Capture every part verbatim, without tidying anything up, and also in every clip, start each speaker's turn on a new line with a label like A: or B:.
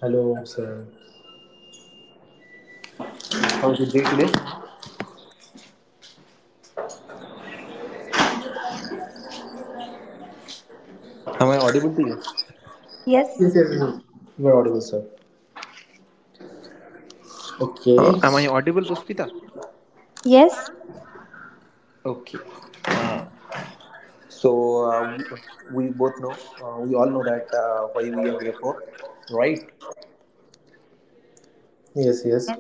A: Hello, sir.
B: How was your day today? Am I audible to you?
A: Yes,
C: Yes,
A: yes, yes. You are audible, sir.
B: Uh,
A: Okay.
B: am I audible, Puspita?
C: yes. Thank
B: Okay. Uh, so uh, we, we both know, uh, we all know that uh, why we are here for, right?
A: Yes, yes.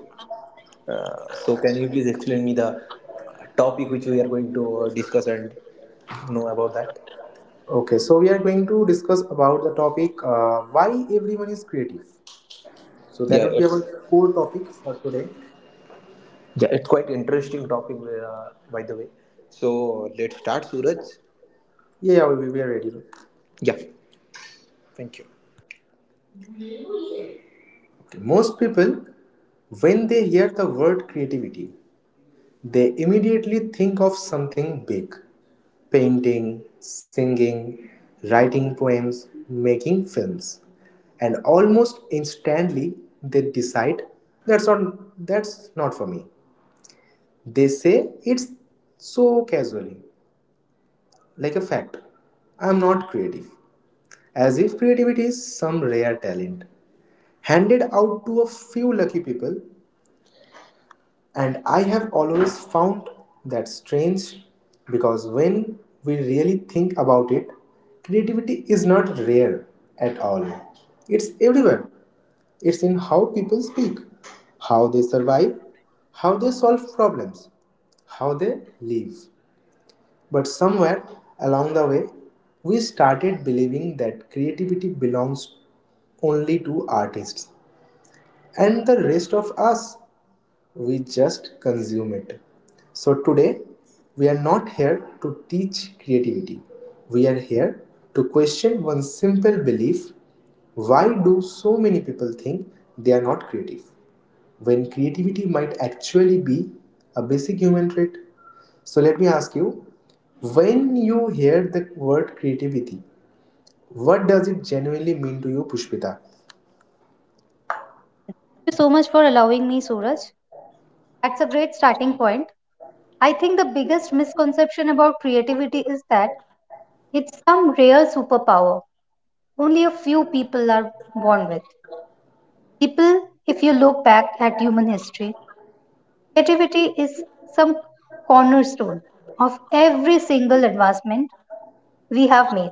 B: Uh, so can you please explain me the topic which we are going to uh, discuss and know about that?
A: Okay, so we are going to discuss about the topic uh, why everyone is creative. So that
B: Yeah,
A: would be
B: it's
A: our core topic for today.
B: yeah, it's quite interesting topic uh, by the way. So let's start, Suraj.
A: Yeah, yeah, we, we are ready. Okay.
B: Yeah. Thank you.
A: Most people, when they hear the word creativity, they immediately think of something big: painting, singing, writing poems, making films. And almost instantly, they decide that's not, that's not for me. They say it's so casually, like a fact. I'm not creative. As if creativity is some rare talent handed out to a few lucky people. And I have always found that strange, because when we really think about it, creativity is not rare at all. It's everywhere. It's in how people speak, how they survive, how they solve problems, how they live. But somewhere along the way, we started believing that creativity belongs only to artists. And the rest of us, we just consume it. So today we are not here to teach creativity, we are here to question one simple belief: why do so many people think they are not creative when creativity might actually be a basic human trait? So let me ask you, when you hear the word creativity, what does it genuinely mean to you, Pushpita?
C: you so much for allowing me, Suraj. That's a great starting point. I think the biggest misconception about creativity is that it's some rare superpower only a few people are born with. People, if you look back at human history, creativity is some cornerstone of every single advancement we have made.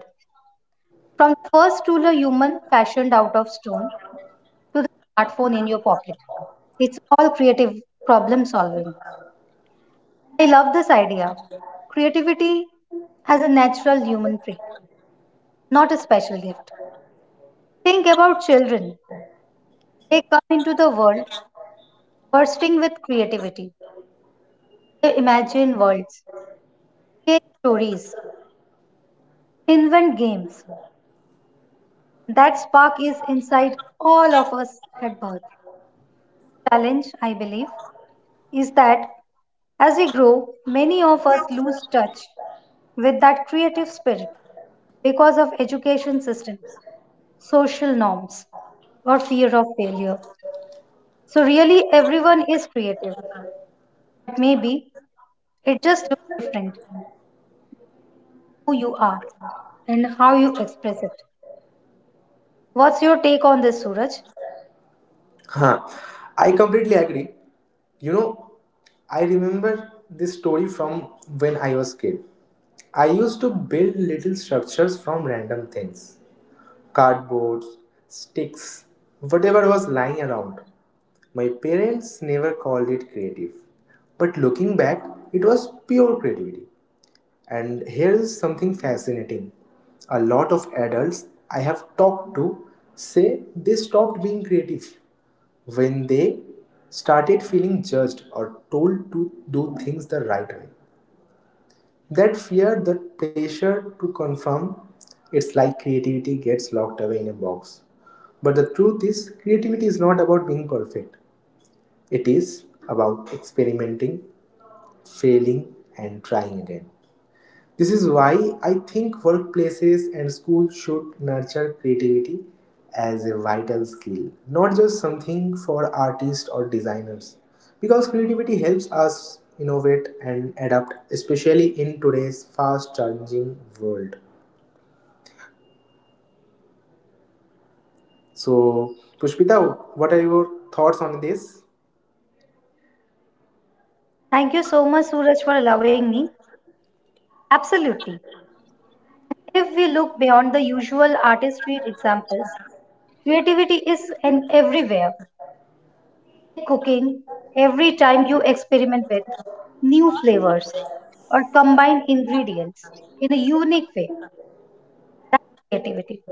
C: From the first ruler human fashioned out of stone to the smartphone in your pocket, it's all creative problem solving. I love this idea. Creativity as a natural human trait, not a special gift. Think about children. They come into the world bursting with creativity. They imagine worlds, create stories, invent games. That spark is inside all of us at birth. Challenge, I believe, is that as we grow, many of us lose touch with that creative spirit because of education systems, social norms, or fear of failure. So, really, everyone is creative, but maybe it just looks different who you are and how you express it. What's your take on this, Suraj?
A: Huh. I completely agree. You know, I remember this story from when I was kid. I used to build little structures from random things. Cardboards, sticks, whatever was lying around. My parents never called it creative. But looking back, it was pure creativity. And here is something fascinating. A lot of adults I have talked to say they stopped being creative when they started feeling judged or told to do things the right way. That fear, that pressure to conform, it's like creativity gets locked away in a box. But the truth is, creativity is not about being perfect, it is about experimenting, failing, and trying again. This is why I think workplaces and schools should nurture creativity as a vital skill, not just something for artists or designers. Because creativity helps us innovate and adapt, especially in today's fast changing world. So, Pushpita, what are your thoughts on this?
C: Thank you so much, Suraj, for allowing me. Absolutely. If we look beyond the usual artistry examples, creativity is an everywhere. Cooking, every time you experiment with new flavors or combine ingredients in a unique way, that's creativity.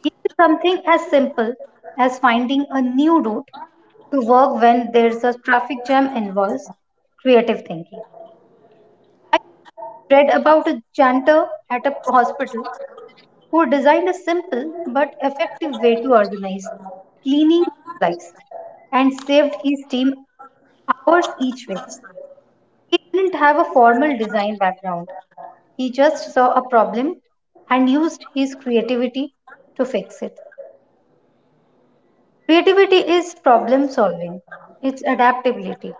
C: Even something as simple as finding a new route to work when there's a traffic jam involves creative thinking. Read about a janitor at a hospital who designed a simple but effective way to organize cleaning supplies and saved his team hours each way. He didn't have a formal design background. He just saw a problem and used his creativity to fix it. Creativity is problem solving, it's adaptability,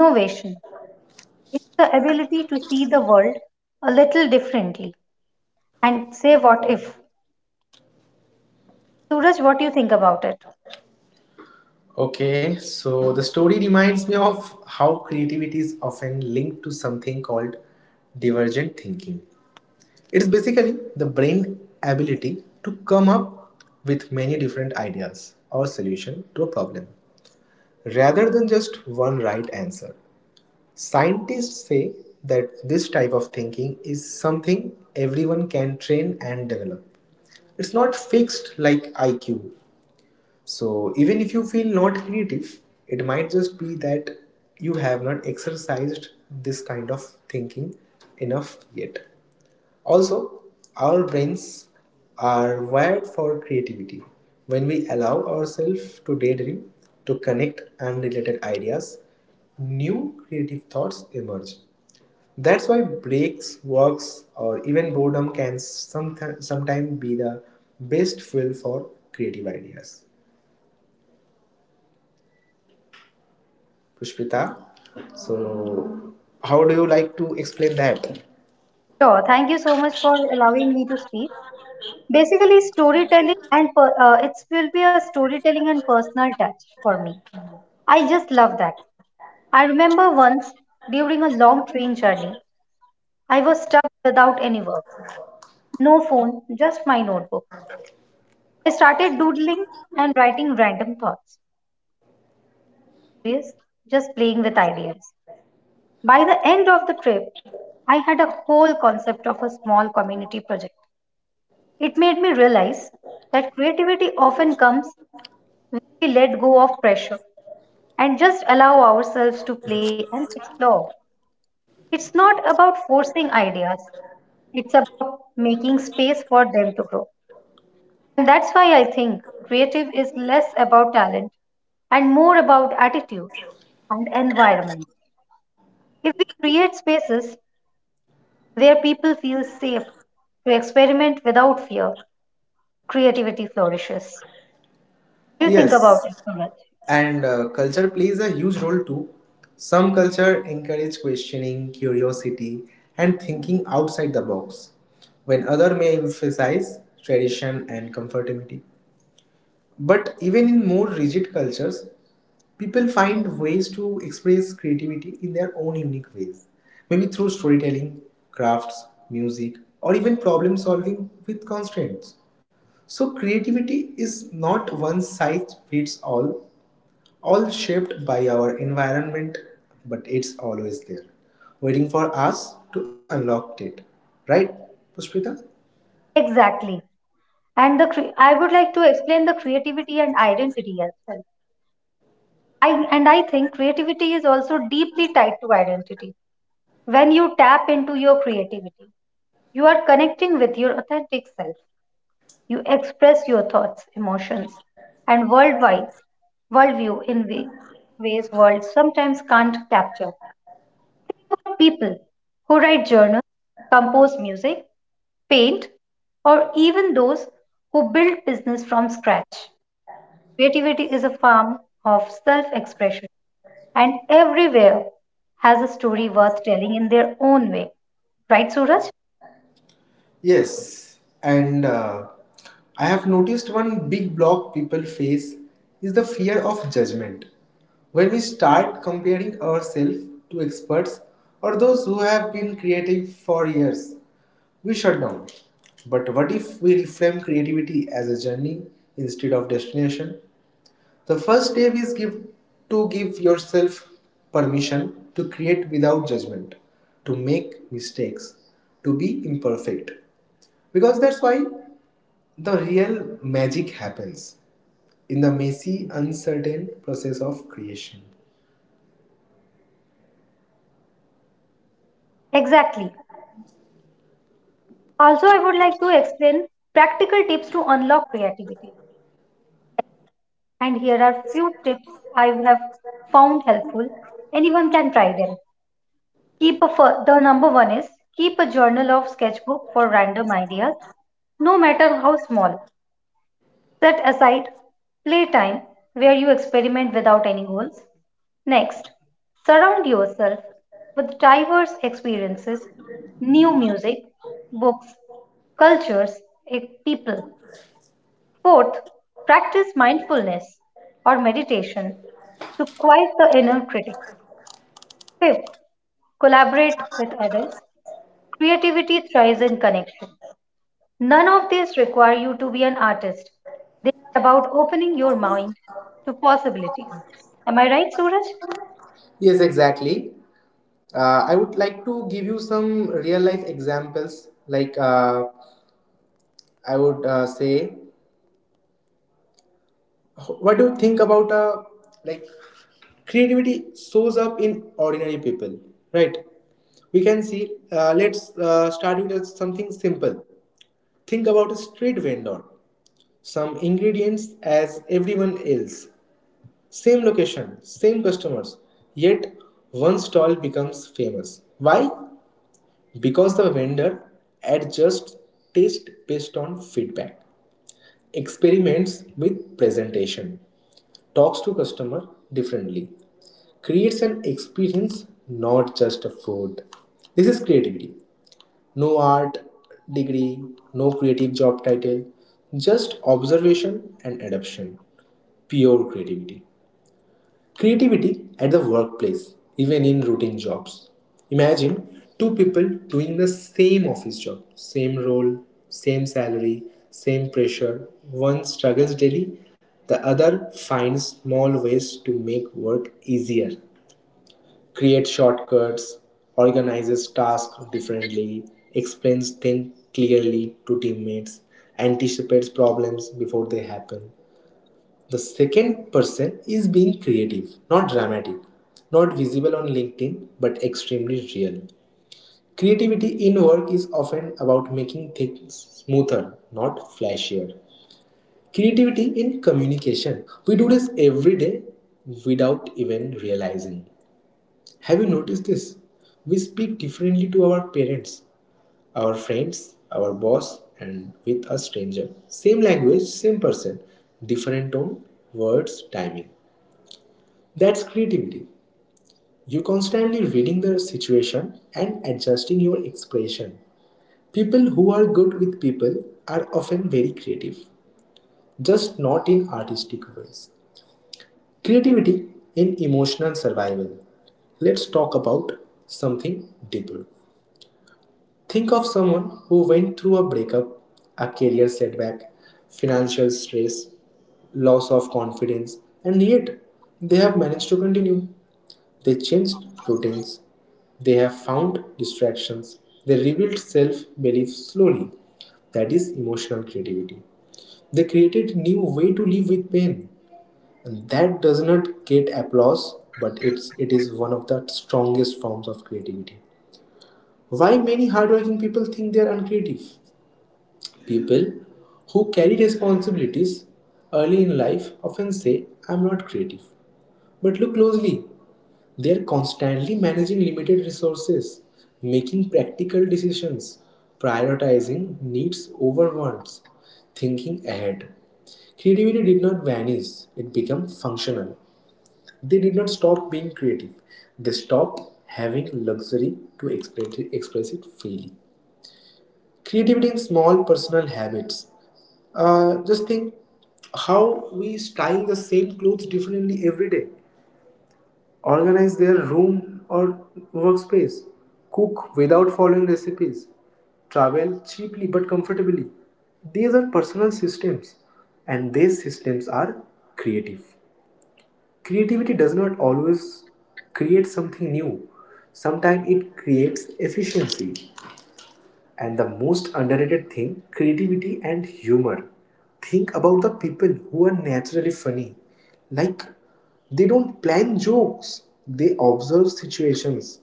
C: innovation, it's the ability to see the world a little differently and say what if. Suraj, what do you think about it?
A: Okay, so the story reminds me of how creativity is often linked to something called divergent thinking. It is basically the brain ability to come up with many different ideas or solution to a problem rather than just one right answer. Scientists say that this type of thinking is something everyone can train and develop. It's not fixed like I Q. So even if you feel not creative, it might just be that you have not exercised this kind of thinking enough yet. Also, our brains are wired for creativity. When we allow ourselves to daydream, to connect unrelated ideas, new creative thoughts emerge. That's why breaks, walks, or even boredom can somet- sometimes be the best fuel for creative ideas. Pushpita, so how do you like to explain that?
C: Sure, thank you so much for allowing me to speak. Basically, storytelling and per- uh, it will be a storytelling and personal touch for me. I just love that. I remember once during a long train journey, I was stuck without any work, no phone, just my notebook. I started doodling and writing random thoughts, just playing with ideas. By the end of the trip, I had a whole concept of a small community project. It made me realize that creativity often comes when we let go of pressure and just allow ourselves to play and explore. It's not about forcing ideas, it's about making space for them to grow. And that's why I think creative is less about talent and more about attitude and environment. If we create spaces where people feel safe to experiment without fear, creativity flourishes. What do you think about it,
A: Yes,
C: Suraj?
A: and uh, culture plays a huge role too. Some culture encourage questioning, curiosity, and thinking outside the box, when other may emphasize tradition and conformity. But even in more rigid cultures, people find ways to express creativity in their own unique ways, maybe through storytelling, crafts, music, or even problem solving with constraints. So, creativity is not one size fits all, all shaped by our environment, but it's always there, waiting for us to unlock it. Right, Pushpita?
C: Exactly. And the cre- I would like to explain the creativity and identity as well. I and I think creativity is also deeply tied to identity. When you tap into your creativity, you are connecting with your authentic self. You express your thoughts, emotions, and worldwide worldview in way, ways world sometimes can't capture. Think about people who write journals, compose music, paint, or even those who build business from scratch. Creativity is a form of self expression, and everywhere has a story worth telling in their own way. Right, Suraj?
A: Yes, and uh, I have noticed one big block people face is the fear of judgment. When we start comparing ourselves to experts or those who have been creative for years, we shut down. But what if we reframe creativity as a journey instead of destination? The first step is give to give yourself permission to create without judgment, to make mistakes, to be imperfect. Because that's why the real magic happens in the messy, uncertain process of creation.
C: Exactly. Also, I would like to explain practical tips to unlock creativity. And here are few tips I have found helpful. Anyone can try them. Keep a The number one is keep a journal or sketchbook for random ideas, no matter how small. Set aside playtime where you experiment without any goals. Next, surround yourself with diverse experiences, new music, books, cultures, e- people. Fourth, practice mindfulness or meditation to quiet the inner critic. Fifth, collaborate with others. Creativity thrives in connection. None of these require you to be an artist. They are about opening your mind to possibilities. Am I right, Suraj?
A: Yes, exactly. Uh, I would like to give you some real life examples. Like, uh, I would uh, say, what do you think about uh, like creativity shows up in ordinary people, right? We can see, uh, let's uh, start with uh, something simple. Think about a street vendor: some ingredients as everyone else, same location, same customers, yet one stall becomes famous. Why? Because the vendor adjusts taste based on feedback, experiments with presentation, talks to customer differently, creates an experience, not just a food. This is creativity. No art degree, no creative job title, just observation and adoption, pure creativity. Creativity at the workplace, even in routine jobs. Imagine two people doing the same office job, same role, same salary, same pressure. One struggles daily, the other finds small ways to make work easier, creates shortcuts, organizes tasks differently, explains things clearly to teammates, anticipates problems before they happen. The second person is being creative, not dramatic, not visible on LinkedIn, but extremely real. Creativity in work is often about making things smoother, not flashier. Creativity in communication. We do this every day without even realizing. Have you noticed this? We speak differently to our parents, our friends, our boss, and with a stranger. Same language, same person, different tone, words, timing. That's creativity. You're constantly reading the situation and adjusting your expression. People who are good with people are often very creative, just not in artistic ways. Creativity in emotional survival. Let's talk about something deeper. Think of someone who went through a breakup, a career setback, financial stress, loss of confidence, and yet they have managed to continue. They changed routines. They have found distractions. They rebuilt self belief slowly. That is emotional creativity. They created new way to live with pain. And that does not get applause, but it's it is one of the strongest forms of creativity. Why many hardworking people think they are uncreative? People who carry responsibilities early in life often say, I'm not creative. But look closely, they're constantly managing limited resources, making practical decisions, prioritizing needs over wants, thinking ahead. Creativity did not vanish, it became functional. They did not stop being creative, they stopped having luxury to express it, express it freely. Creativity in small personal habits. Uh, just think how we style the same clothes differently every day, organize their room or workspace, cook without following recipes, travel cheaply but comfortably. These are personal systems, and these systems are creative. Creativity does not always create something new, sometimes it creates efficiency. And the most underrated thing, creativity and humor. Think about the people who are naturally funny. Like, they don't plan jokes, they observe situations,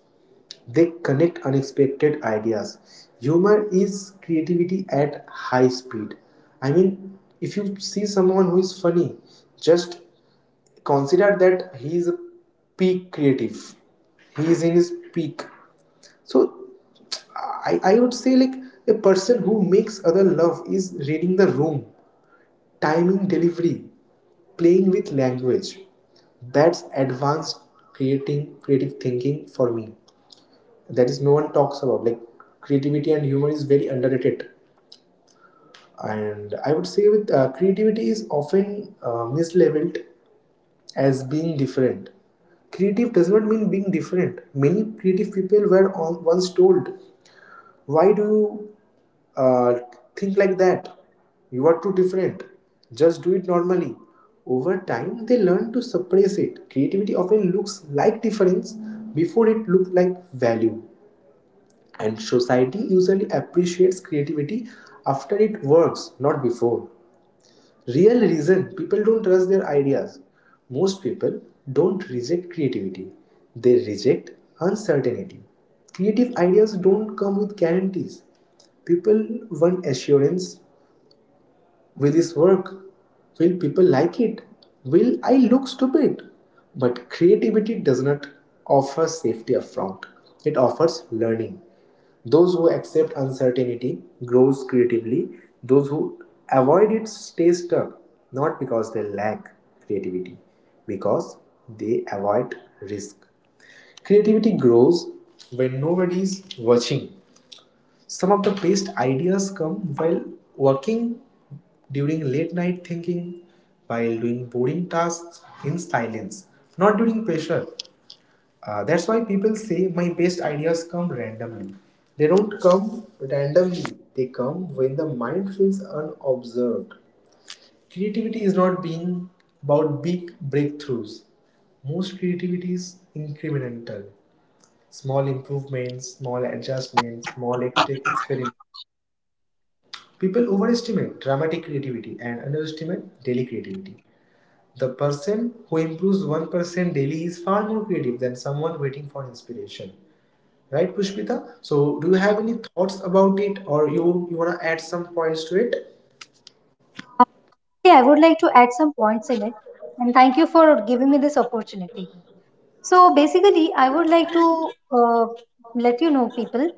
A: they connect unexpected ideas. Humor is creativity at high speed. I mean, if you see someone who is funny, just consider that he is a peak creative he is in his peak. So I, I would say, like, a person who makes other love is reading the room, timing delivery, playing with language. That's advanced creating creative thinking for me. That is no one talks about. Like, creativity and humor is very underrated. And I would say, with uh, creativity is often uh, mislabeled as being different. Creative does not mean being different. Many creative people were on, once told, why do you uh, think like that? You are too different. Just do it normally. Over time, they learn to suppress it. Creativity often looks like difference before it looked like value. And society usually appreciates creativity after it works, not before. Real reason people don't trust their ideas: most people don't reject creativity, they reject uncertainty. Creative ideas don't come with guarantees. People want assurance. Will this work? Will people like it? Will I look stupid? But creativity does not offer safety upfront. It offers learning. Those who accept uncertainty grows creatively. Those who avoid it stay stuck, not because they lack creativity, because they avoid risk. Creativity grows when nobody is watching. Some of the best ideas come while working, during late night thinking, while doing boring tasks in silence, not during pressure. Uh, that's why people say my best ideas come randomly. They don't come randomly, they come when the mind feels unobserved. Creativity is not being about big breakthroughs. Most creativity is incremental. Small improvements, small adjustments, small ex- experiments. People overestimate dramatic creativity and underestimate daily creativity. The person who improves one percent daily is far more creative than someone waiting for inspiration. Right, Pushpita? So, do you have any thoughts about it, or you, you want to add some points to it?
C: Yeah, I would like to add some points in it. And thank you for giving me this opportunity. So basically, I would like to uh, let you know, people,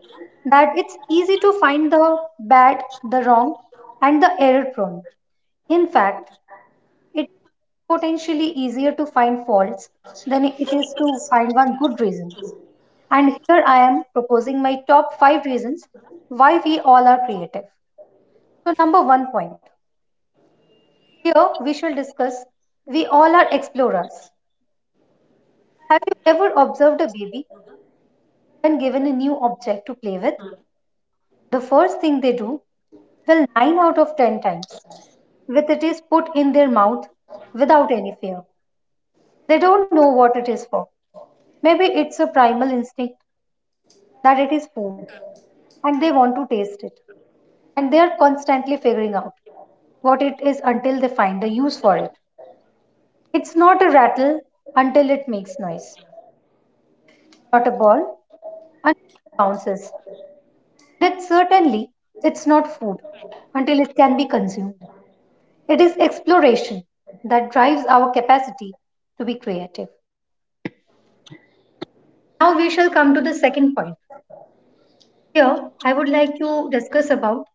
C: that it's easy to find the bad, the wrong, and the error prone. In fact, it's potentially easier to find faults than it is to find one good reason. And here I am proposing my top five reasons why we all are creative. So, number one point, here we shall discuss we all are explorers. Have you ever observed a baby when given a new object to play with? The first thing they do, well, nine out of ten times, with it is put in their mouth without any fear. They don't know what it is for. Maybe it's a primal instinct that it is food and they want to taste it. And they are constantly figuring out what it is until they find a use for it. It's not a rattle until it makes noise, not a ball until it bounces. And it's certainly it's not food until it can be consumed. It is exploration that drives our capacity to be creative. Now we shall come to the second point. Here, I would like to discuss about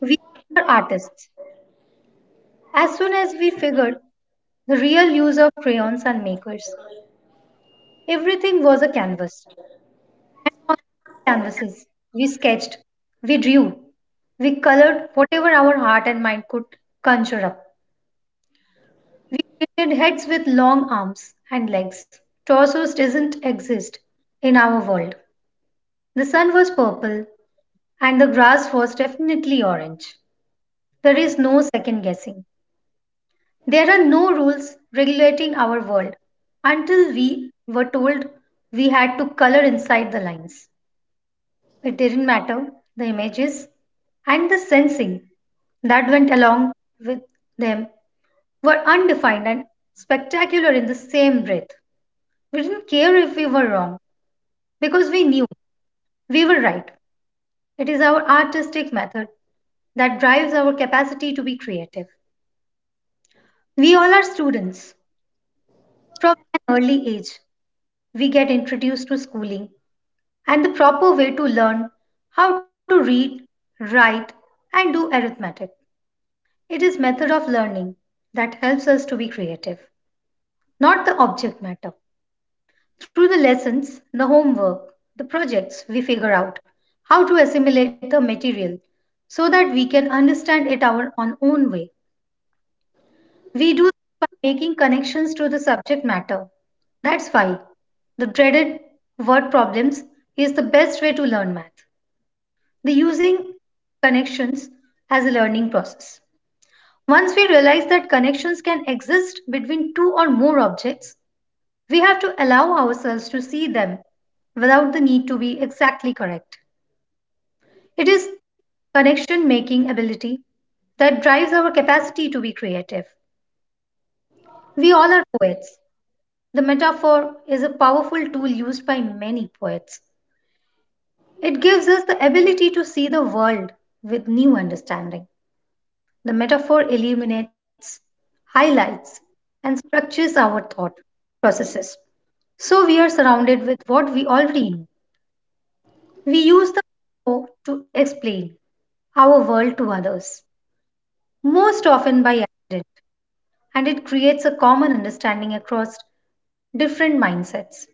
C: we are artists. As soon as we figured the real use of crayons and markers, everything was a canvas. And on canvases, we sketched, we drew, we colored whatever our heart and mind could conjure up. We created heads with long arms and legs. Torsos doesn't exist in our world. The sun was purple and the grass was definitely orange. There is no second guessing. There are no rules regulating our world. Until we were told we had to color inside the lines, it didn't matter the images and the sensing that went along with them were undefined and spectacular in the same breath. We didn't care if we were wrong because we knew we were right. It is our artistic method that drives our capacity to be creative. We all are students. From an early age, we get introduced to schooling and the proper way to learn how to read, write, and do arithmetic. It is method of learning that helps us to be creative, not the object matter. Through the lessons, the homework, the projects, we figure out how to assimilate the material so that we can understand it our on own way. We do this by making connections to the subject matter. That's why the dreaded word problems is the best way to learn math. The using connections as a learning process. Once we realize that connections can exist between two or more objects, we have to allow ourselves to see them without the need to be exactly correct. It is connection making ability that drives our capacity to be creative. We all are poets. The metaphor is a powerful tool used by many poets. It gives us the ability to see the world with new understanding. The metaphor illuminates, highlights, and structures our thought processes. So we are surrounded with what we already know. We use the metaphor to explain our world to others, most often by accident, and it creates a common understanding across different mindsets.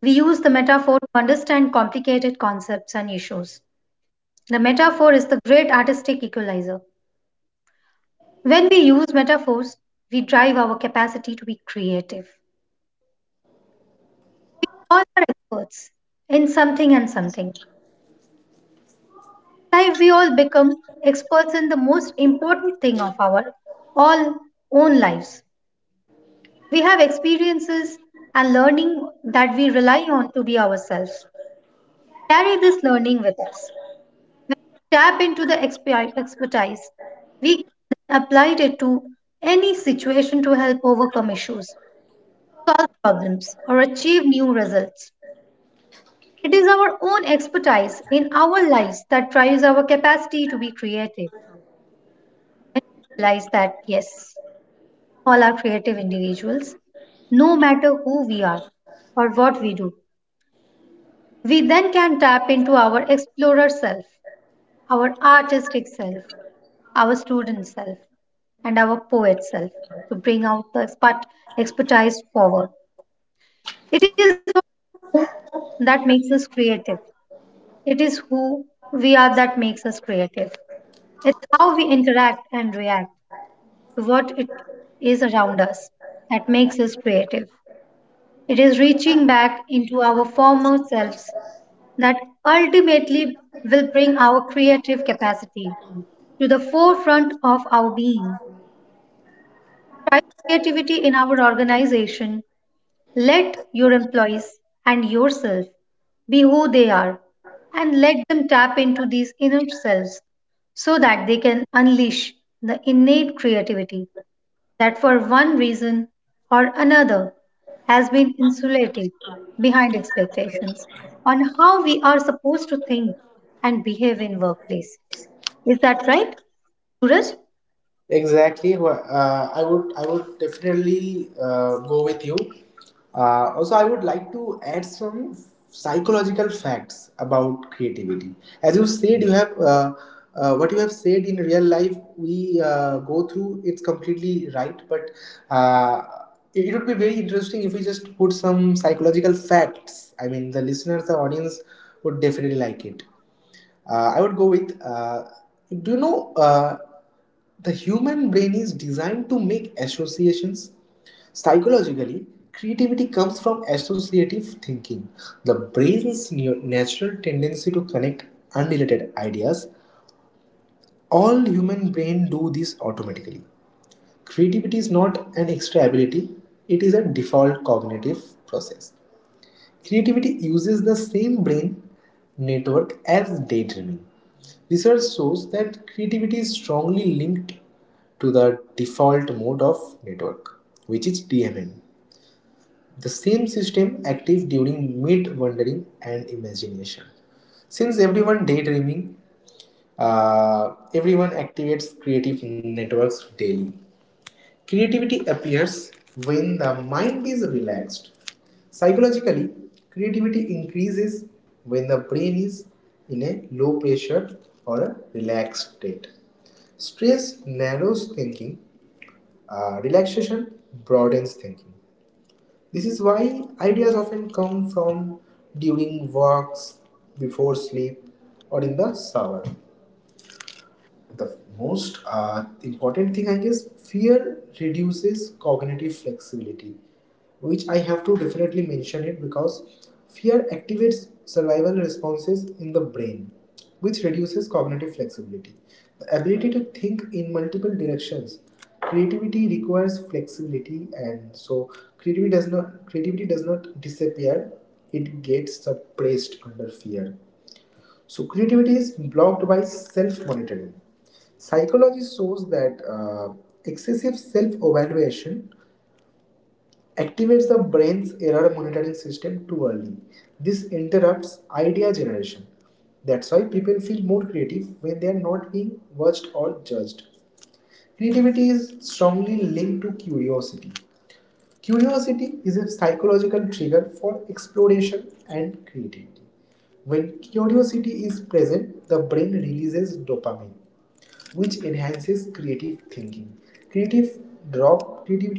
C: We use the metaphor to understand complicated concepts and issues. The metaphor is the great artistic equalizer. When we use metaphors, we drive our capacity to be creative. We all are experts in something and something. Life, we all become experts in the most important thing of our all own lives. We have experiences and learning that we rely on to be ourselves. Carry this learning with us. When we tap into the expi- expertise, we can apply it to any situation to help overcome issues, solve problems, or achieve new results. It is our own expertise in our lives that drives our capacity to be creative. And we realize that, yes, all are creative individuals, no matter who we are or what we do. We then can tap into our explorer self, our artistic self, our student self and our poet self to bring out the expert, expertise forward. It is who that makes us creative. It is who we are that makes us creative. It's how we interact and react to what it is around us that makes us creative. It is reaching back into our former selves that ultimately will bring our creative capacity to the forefront of our being. Try creativity in our organization. Let your employees and yourself be who they are and let them tap into these inner selves so that they can unleash the innate creativity that, for one reason or another, has been insulated behind expectations on how we are supposed to think and behave in workplace. Is that right, Suraj?
A: Exactly. wha- Uh, I would I would definitely uh, go with you. Uh, also, I would like to add some psychological facts about creativity. As you said, you have uh, uh, what you have said in real life. We uh, go through. It's completely right, but uh, it, it would be very interesting if we just put some psychological facts. I mean, the listeners, the audience would definitely like it. Uh, I would go with. Uh, do you know? Uh, the human brain is designed to make associations. Psychologically, creativity comes from associative thinking, the brain's neu- natural tendency to connect unrelated ideas. All human brain do this automatically. Creativity is not an extra ability, it is a default cognitive process. Creativity uses the same brain network as daydreaming. Research shows that creativity is strongly linked to the default mode of network, which is D M N. The same system active during mid wandering and imagination. Since everyone daydreaming, uh, everyone activates creative networks daily. Creativity appears when the mind is relaxed. Psychologically, creativity increases when the brain is in a low pressure or a relaxed state. Stress narrows thinking, uh, relaxation broadens thinking. This is why ideas often come from during walks, before sleep, or in the shower. The most uh, important thing, I guess, fear reduces cognitive flexibility, which I have to definitely mention it because fear activates survival responses in the brain, which reduces cognitive flexibility, the ability to think in multiple directions. Creativity requires flexibility, and so creativity does not creativity does not disappear, it gets suppressed under fear. So creativity is blocked by self-monitoring. Psychology shows that uh, excessive self-evaluation activates the brain's error monitoring system too early. This interrupts idea generation. That's why people feel more creative when they are not being watched or judged. Creativity is strongly linked to curiosity. Curiosity is a psychological trigger for exploration and creativity. When curiosity is present, the brain releases dopamine, which enhances creative thinking. Creative drop creativity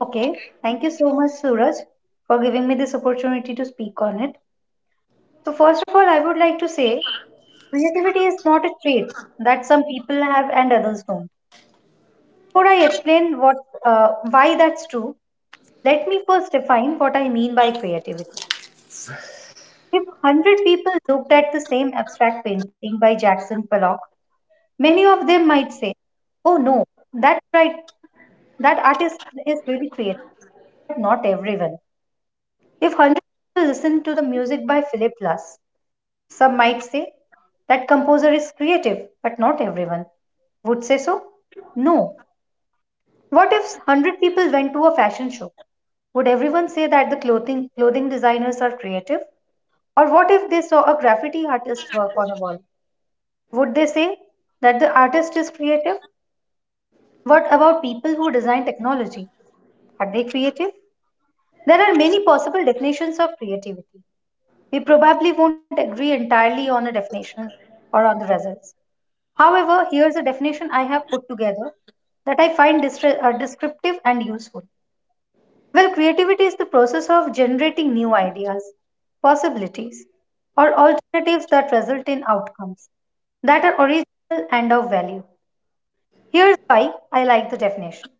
C: Okay, thank you so much, Suraj, for giving me this opportunity to speak on it. So, first of all, I would like to say creativity is not a trait that some people have and others don't. Before I explain what, uh, why that's true, let me first define what I mean by creativity. If one hundred people looked at the same abstract painting by Jackson Pollock, many of them might say, "Oh no, that's right, that artist is really creative," but not everyone. If one hundred people listen to the music by Philip Glass, some might say that composer is creative, but not everyone. Would say so? No. What if one hundred people went to a fashion show? Would everyone say that the clothing clothing designers are creative? Or what if they saw a graffiti artist work on a wall? Would they say that the artist is creative? What about people who design technology? Are they creative? There are many possible definitions of creativity. We probably won't agree entirely on a definition or on the results. However, here's a definition I have put together that I find distra- uh, descriptive and useful. Well, creativity is the process of generating new ideas, possibilities, or alternatives that result in outcomes that are original and of value. Here's why I like the definition.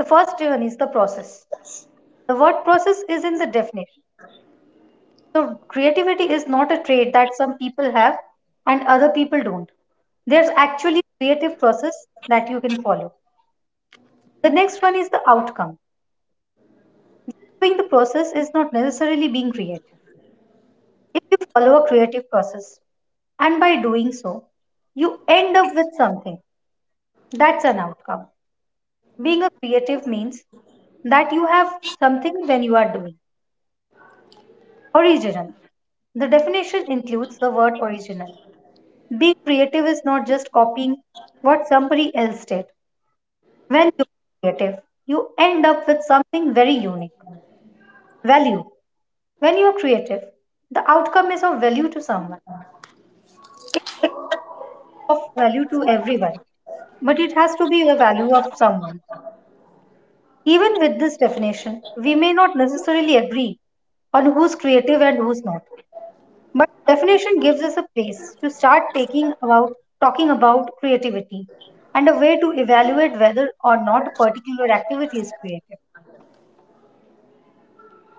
C: The first one is the process. The word process is in the definition. So, creativity is not a trait that some people have and other people don't. There's actually a creative process that you can follow. The next one is the outcome. Doing the process is not necessarily being creative if you follow a creative process. And by doing so, you end up with something. That's an outcome. Being a creative means that you have something when you are doing. Original. The definition includes the word original. Being creative is not just copying what somebody else did. When you are creative, you end up with something very unique. Value. When you are creative, the outcome is of value to someone. It's of value to everyone, but it has to be a value of someone. Even with this definition, we may not necessarily agree on who's creative and who's not. But the definition gives us a place to start taking about talking about creativity and a way to evaluate whether or not a particular activity is creative.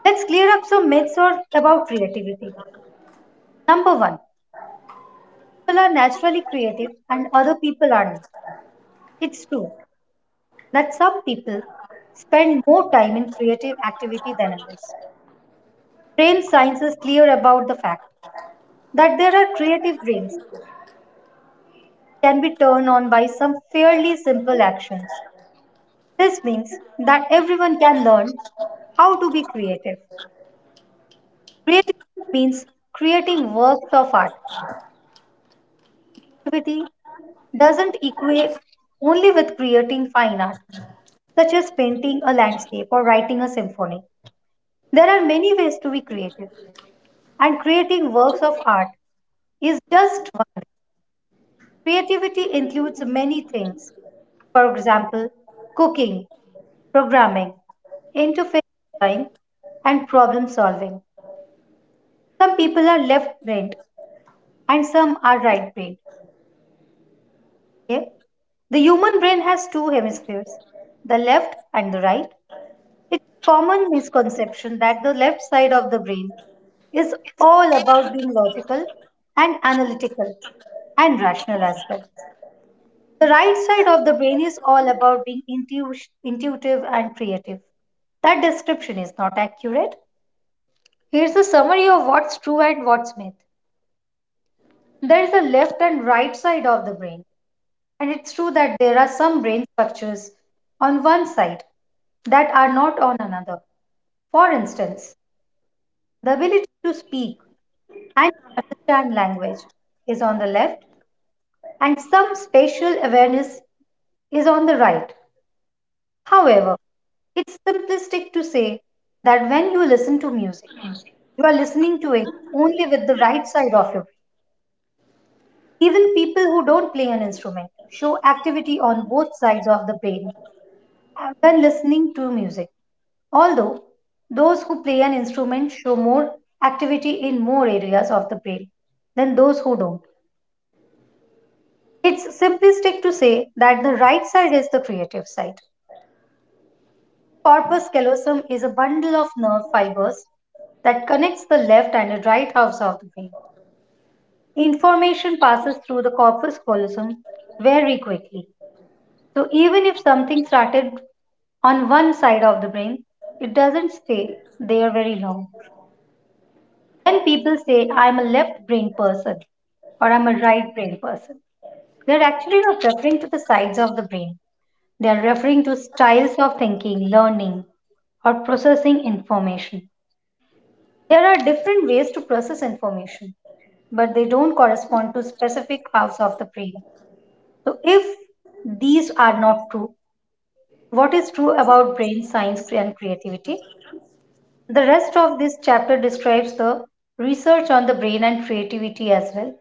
C: Let's clear up some myths or about creativity. Number one, people are naturally creative and other people are not. It's true that some people spend more time in creative activity than others. Brain science is clear about the fact that there are creative brains can be turned on by some fairly simple actions. This means that everyone can learn how to be creative. Creative means creating works of art. Creativity doesn't equate only with creating fine art, such as painting a landscape or writing a symphony. There are many ways to be creative, and creating works of art is just one. Creativity includes many things. For example, cooking, programming, interface design, and problem solving. Some people are left brained and some are right brained. Okay? The human brain has two hemispheres, the left and the right. It's a common misconception that the left side of the brain is all about being logical and analytical and rational as well. The right side of the brain is all about being intu- intuitive and creative. That description is not accurate. Here's a summary of what's true and what's myth. There is a left and right side of the brain, and it's true that there are some brain structures on one side that are not on another. For instance, the ability to speak and understand language is on the left, and some spatial awareness is on the right. However, it's simplistic to say that when you listen to music, you are listening to it only with the right side of your brain. Even people who don't play an instrument show activity on both sides of the brain when listening to music. Although those who play an instrument show more activity in more areas of the brain than those who don't. It's simplistic to say that the right side is the creative side. Corpus callosum is a bundle of nerve fibers that connects the left and the right halves of the brain. Information passes through the corpus callosum very quickly. So even if something started on one side of the brain, it doesn't stay there very long. When people say I'm a left brain person or I'm a right brain person, they're actually not referring to the sides of the brain. They are referring to styles of thinking, learning, or processing information. There are different ways to process information, but they don't correspond to specific halves of the brain. So if these are not true, what is true about brain science and creativity? The rest of this chapter describes the research on the brain and creativity as well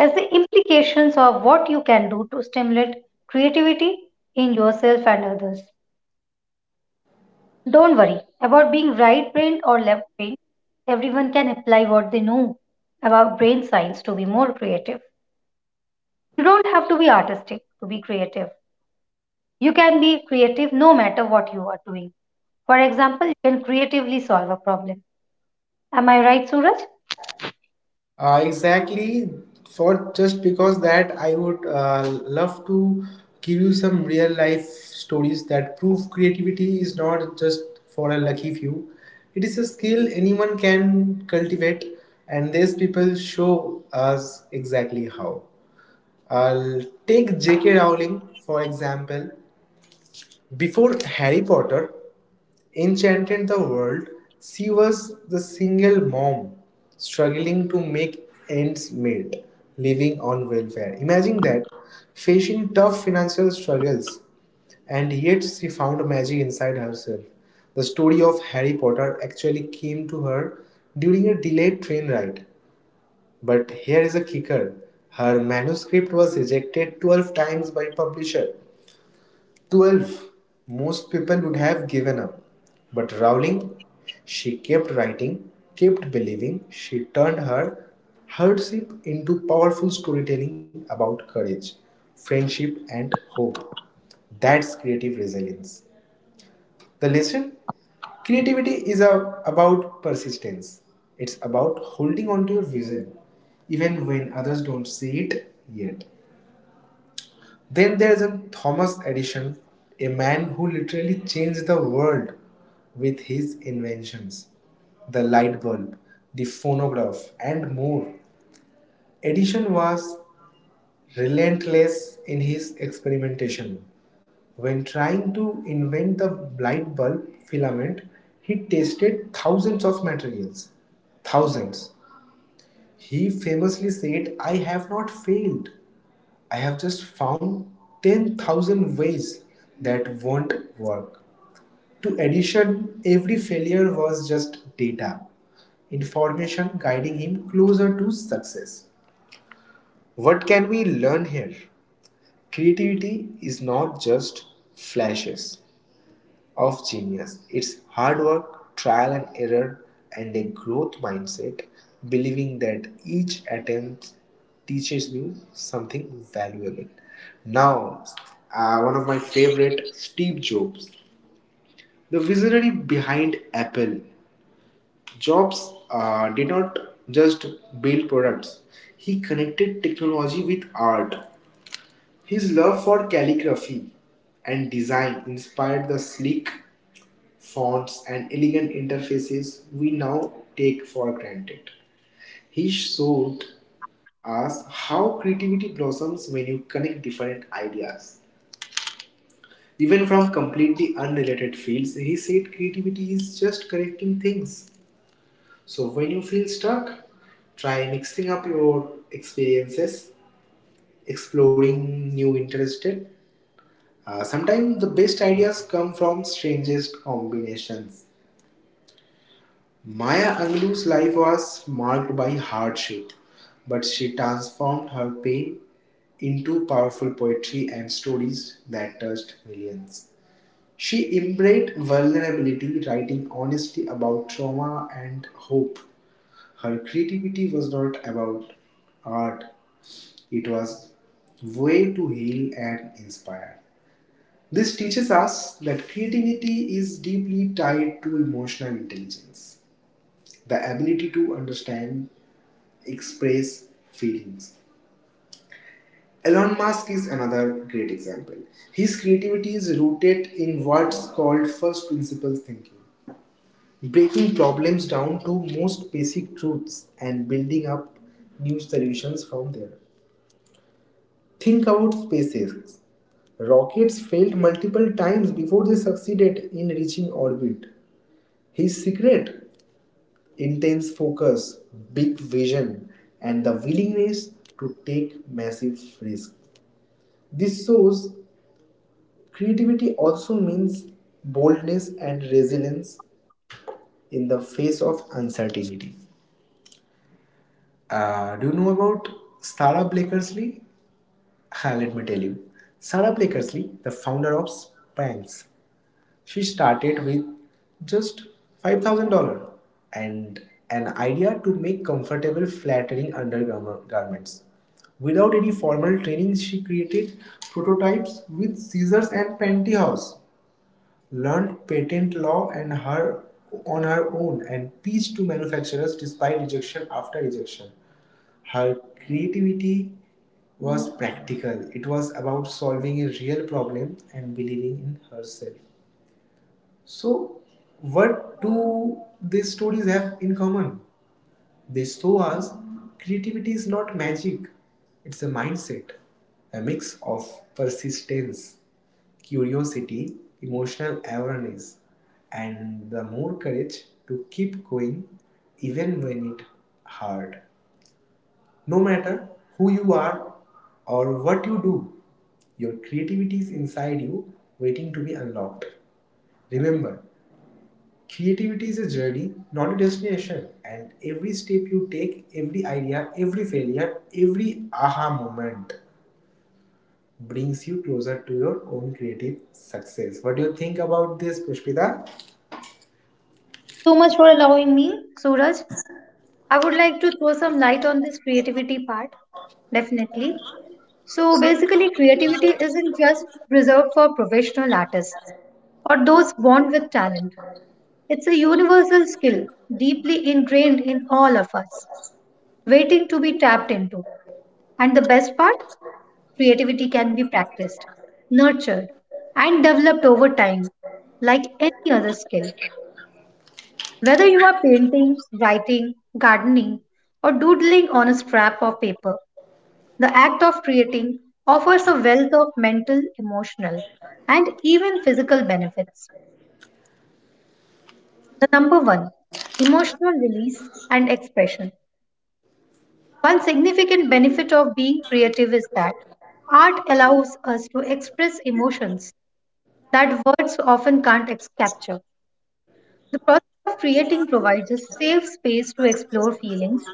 C: as the implications of what you can do to stimulate creativity in yourself and others. Don't worry about being right brained or left brained. Everyone can apply what they know about brain science to be more creative. You don't have to be artistic to be creative. You can be creative no matter what you are doing. For example, you can creatively solve a problem. Am I right, Suraj? So much for allowing me, Suraj. I would like to throw some light on this creativity part, definitely. So basically, creativity isn't just reserved for professional artists or those born with talent. It's a universal skill, deeply ingrained in all of us, waiting to be tapped into. And the best part, creativity can be practiced, nurtured, and developed over time, like any other skill. Whether you are painting, writing, gardening, or doodling on a scrap of paper, the act of creating offers a wealth of mental, emotional, and even physical benefits. The number one, emotional release and expression. One significant benefit of being creative is that art allows us to express emotions that words often can't ex- capture. The process of creating provides a safe space to explore feelings,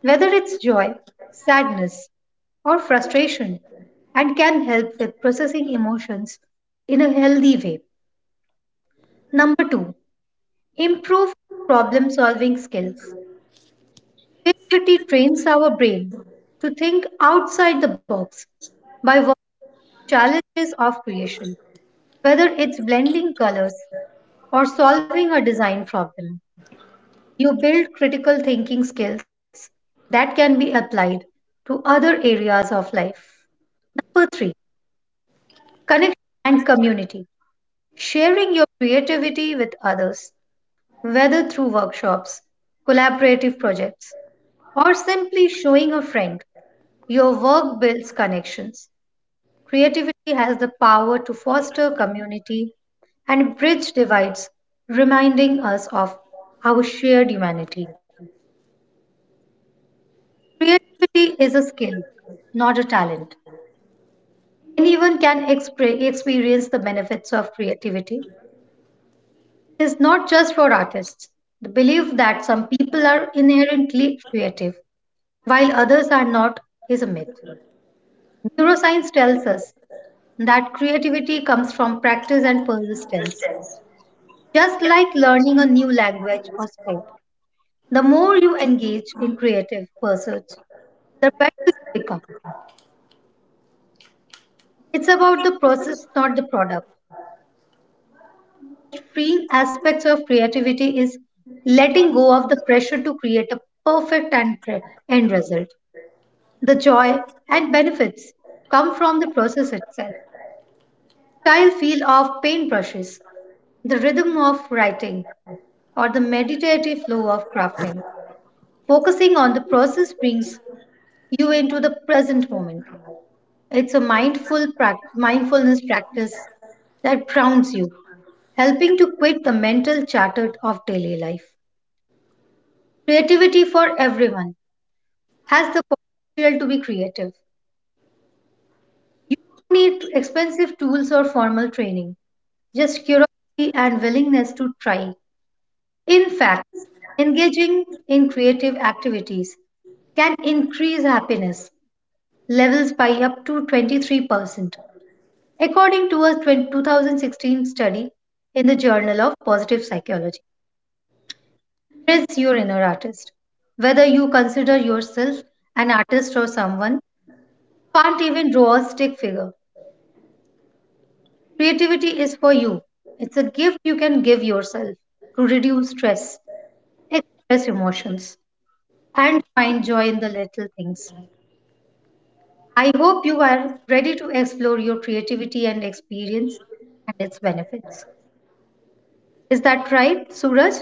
C: whether it's joy, sadness, or frustration, and can help with processing emotions in a healthy way. Number two, improve problem solving skills. Creativity trains our brain to think outside the box by working challenges of creation. Whether it's blending colors or solving a design problem, you build critical thinking skills that can be applied to other areas of life. Number three, connection and community. Sharing your creativity with others, whether through workshops, collaborative projects, or simply showing a friend. Your work builds connections. Creativity has the power to foster community and bridge divides, reminding us of our shared humanity. Creativity is a skill, not a talent. Anyone can expre- experience the benefits of creativity is not just for artists. The belief that some people are inherently creative while others are not is a myth. Neuroscience tells us that creativity comes from practice and persistence. Just like learning a new language or sport, the more you engage in creative pursuits, the better you become. It's about the process, not the product. Freeing aspects of creativity is letting go of the pressure to create a perfect and pre- end result. The joy and benefits come from the process itself. Tactile feel of paintbrushes, the rhythm of writing, or the meditative flow of crafting. Focusing on the process brings you into the present moment. It's a mindful prac- mindfulness practice that grounds you, helping to quit the mental chatter of daily life. Creativity for everyone has the potential to be creative. No need expensive tools or formal training, just curiosity and willingness to try. In fact, engaging in creative activities can increase happiness levels by up to twenty-three percent, according to a two thousand sixteen study in the Journal of Positive Psychology. Embrace your inner artist. Whether you consider yourself an artist or someone who can't even draw a stick figure. Creativity is for you. It's a gift you can give yourself to reduce stress, express emotions, and find joy in the little things. I hope you are ready to explore your creativity and experience and its benefits. Is that right, Suraj?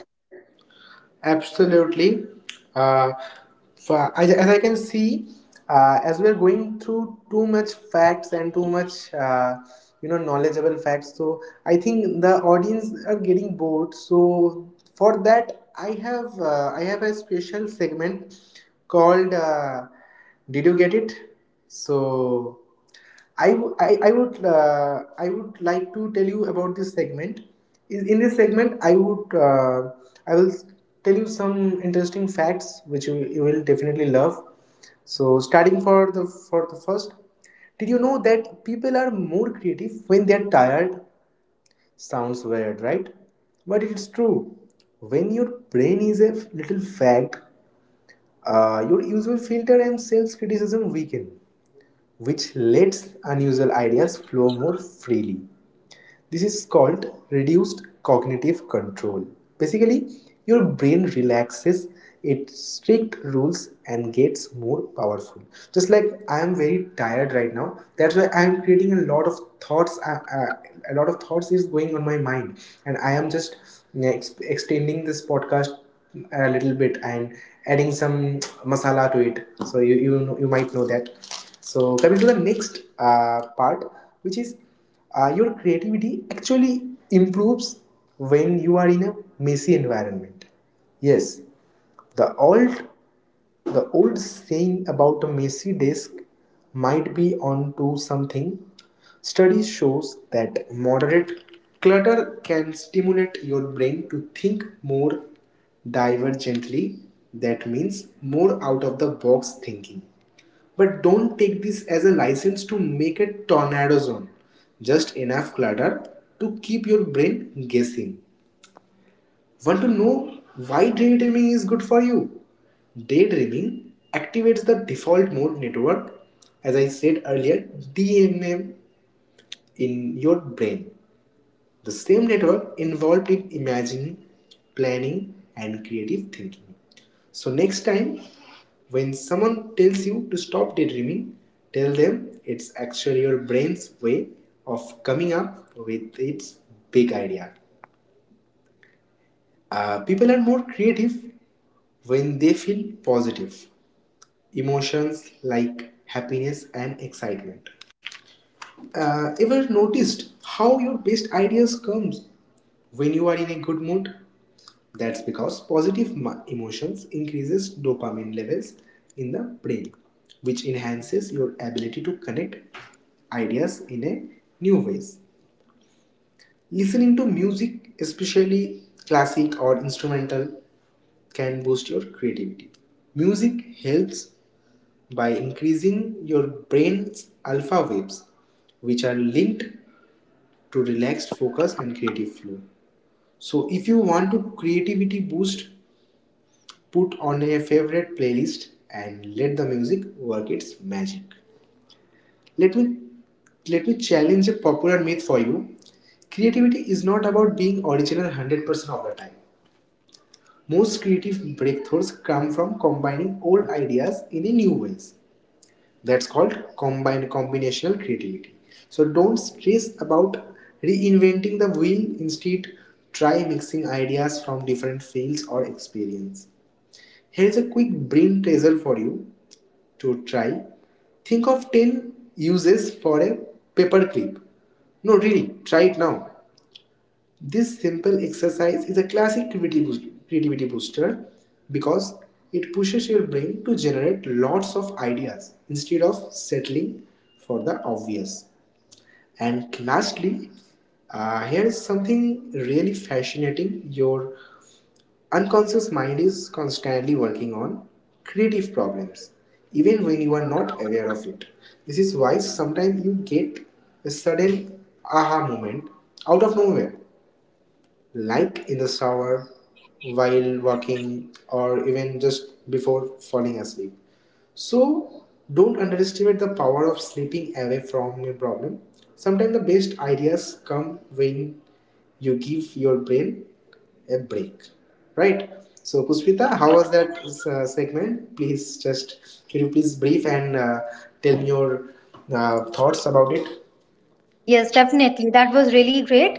C: Yes, definitely. That was really great.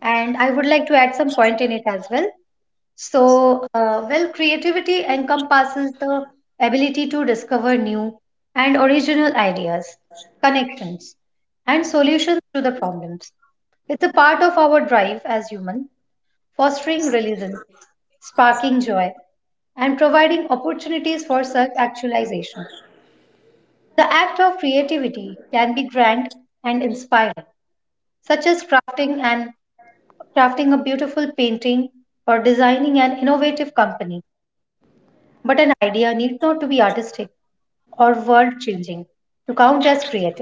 C: And I would like to add some point in it as well. So, uh, well, creativity encompasses the ability to discover new and original ideas, connections, and solutions to the problems. It's a part of our drive as human fostering religion, sparking joy, and providing opportunities for self actualization. The act of creativity can be grand and inspiring, such as crafting and crafting a beautiful painting or designing an innovative company. But an idea need not to be artistic or world changing to count as creative.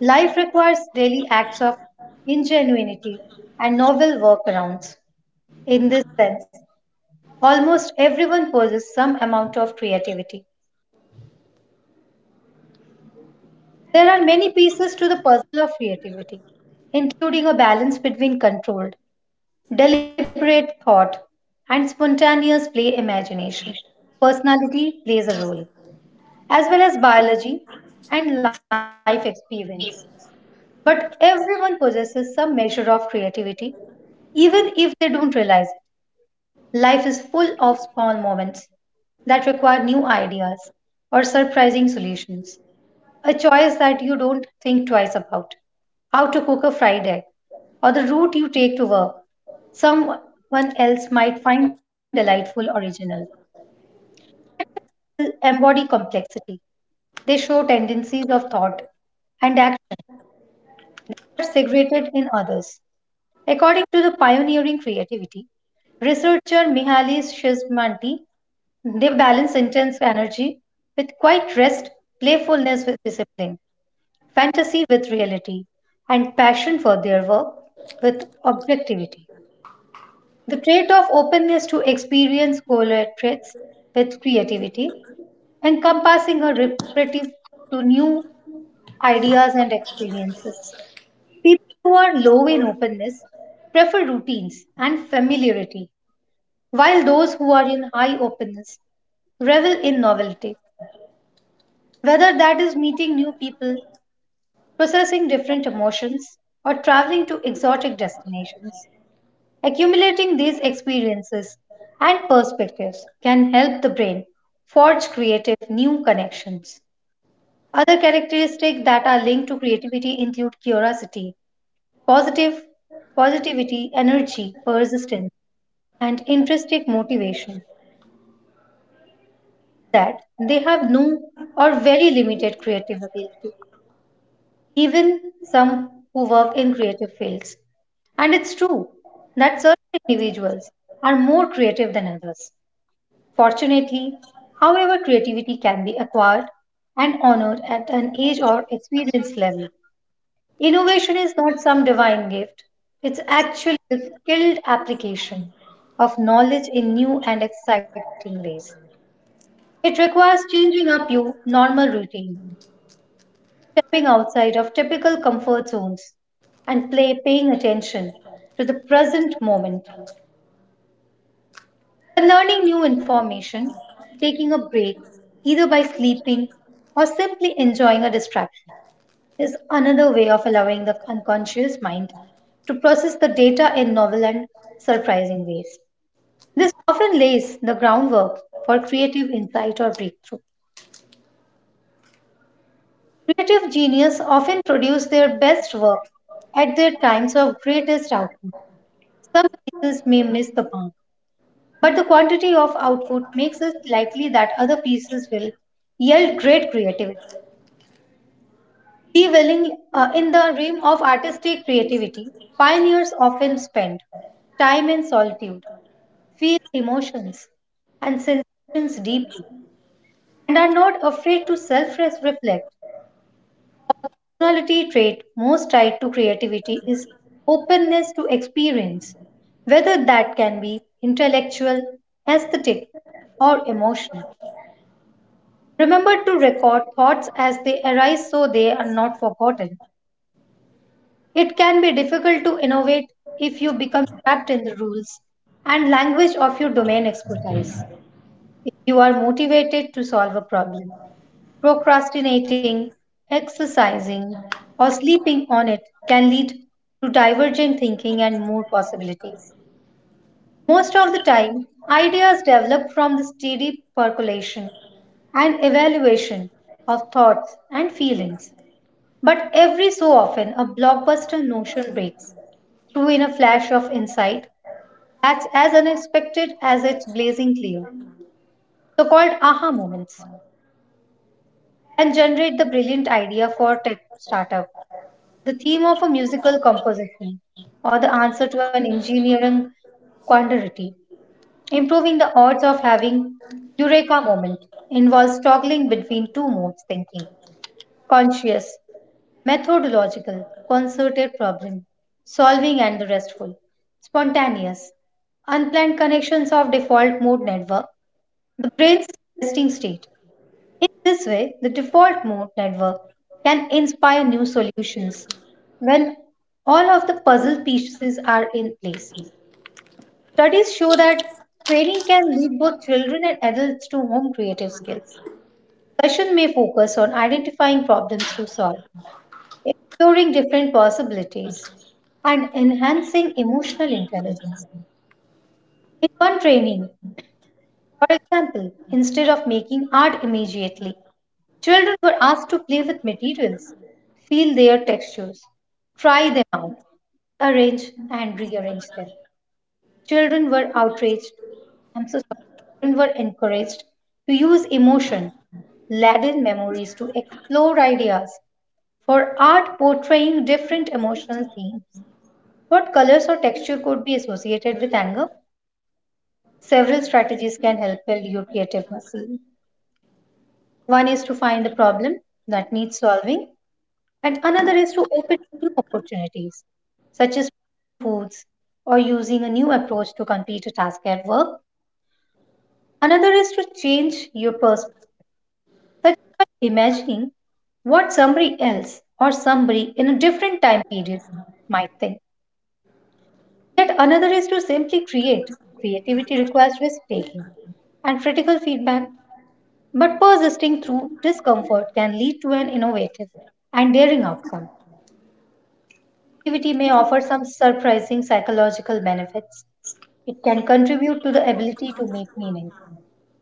C: Life requires daily acts of ingenuity and novel workarounds. In this sense, almost everyone possesses some amount of creativity. There are many pieces to the puzzle of creativity, including a balance between controlled, deliberate thought and spontaneous play imagination. Personality plays a role, as well as biology and life experience. But everyone possesses some measure of creativity, even if they don't realize it. Life is full of small moments that require new ideas or surprising solutions. A choice that you don't think twice about. How to cook a fried egg, or the route you take to work. Someone else might find delightful original. People embody complexity. They show tendencies of thought and action that are segregated in others. According to the pioneering creativity, researcher Mihalis Shizmanti, they balance intense energy with quiet rest, playfulness with discipline, fantasy with reality, and passion for their work with objectivity. The trait of openness to experience collaborates with creativity, encompassing a reprieve to new ideas and experiences. People who are low in openness prefer routines and familiarity, while those who are in high openness revel in novelty, whether that is meeting new people, processing different emotions, or traveling to exotic destinations. Accumulating these experiences and perspectives can help the brain forge creative new connections. Other characteristics that are linked to creativity include curiosity, positive positivity, energy, persistence, and intrinsic motivation that they have no or very limited creative ability, even some who work in creative fields. And it's true that certain individuals are more creative than others. Fortunately, however, creativity can be acquired and honored at an age or experience level. Innovation is not some divine gift, it's actually the skilled application of knowledge in new and exciting ways. It requires changing up your normal routine, stepping outside of typical comfort zones, and play paying attention to the present moment. By learning new information, taking a break, either by sleeping or simply enjoying a distraction, is another way of allowing the unconscious mind to process the data in novel and surprising ways. This often lays the groundwork for creative insight or breakthrough. Creative genius often produce their best work at their times of greatest output. Some cases may miss the mark, but the quantity of output makes it likely that other pieces will yield great creativity. Dwelling uh, in the realm of artistic creativity, pioneers often spend time in solitude, feel emotions and sensations deeply, and are not afraid to self reflect. Personality trait most tied to creativity is openness to experience, whether that can be intellectual, aesthetic, or emotional. Remember to record thoughts as they arise so they are not forgotten. It can be difficult to innovate if you become trapped in the rules and language of your domain expertise. If you are motivated to solve a problem, procrastinating, exercising, or sleeping on it can lead to divergent thinking and more possibilities. Most of the time, ideas develop from the steady percolation and evaluation of thoughts and feelings. But every so often, a blockbuster notion breaks through in a flash of insight that's as unexpected as it's blazing clear, so called aha moments, and generate the brilliant idea for tech startup, the theme of a musical composition, or the answer to an engineering quandary. Improving the odds of having eureka moment involves toggling between two modes thinking conscious methodological, concerted problem solving and the restful, spontaneous, unplanned connections of default mode network, the brain's resting state. In this way, the default mode network can inspire new solutions when all of the puzzle pieces are in place. Studies show that training can lead both children and adults to home creative skills. Session may focus on identifying problems to solve exploring different possibilities, and enhancing emotional intelligence. In one training, for example, instead of making art immediately, children were asked to play with materials, feel their textures, try them out, arrange and rearrange them. Children were outraged. I'm so sorry. Children were encouraged to use emotion, laden memories to explore ideas for art portraying different emotional themes. What colors or texture could be associated with anger? Several strategies can help build your creative muscle. One is to find the problem that needs solving, and another is to open new opportunities, such as foods or using a new approach to complete a task at work. Another is to change your perspective, such as by imagining what somebody else or somebody in a different time period might think. Yet another is to simply create. Creativity requires risk taking and critical feedback, but persisting through discomfort can lead to an innovative and daring outcome. Creativity may offer some surprising psychological benefits. It can contribute to the ability to make meaning,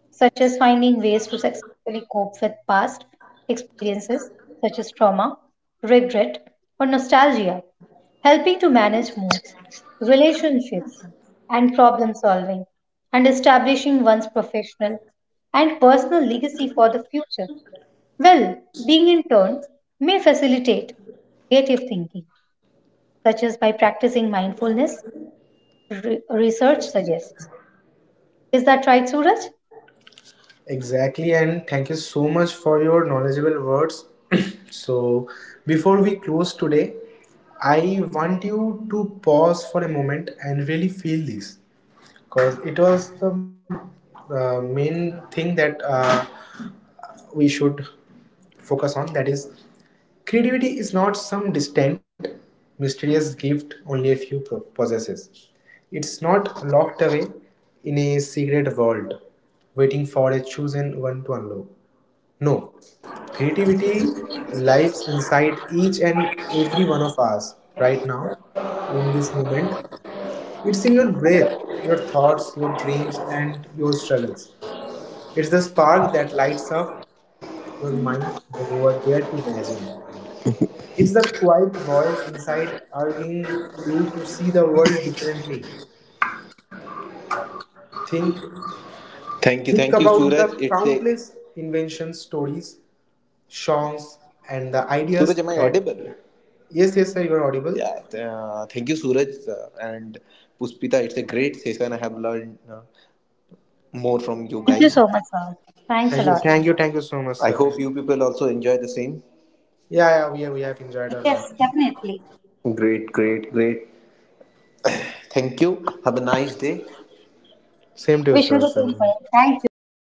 C: such as finding ways to successfully cope with past experiences, such as trauma, regret, or nostalgia, helping to manage moods, relationships, and problem solving, and establishing one's professional and personal legacy for the future. Well being in turn may facilitate creative thinking, such as by practicing mindfulness, re- research suggests. Is that right, Suraj?
B: Thank you, thank you, Suraj. It's a Suraj, am I audible? Yeah, th- uh, thank you, Suraj uh, and Puspita. It's a great session. I have learned uh, more from you
C: Thank you
B: guys.
C: so much, Suraj. Thanks a lot.
B: I hope you people also enjoy the same.
C: Yes, definitely.
B: Great, great, great. Thank you. Have a nice day.
C: Wish you the same. For thank you so much.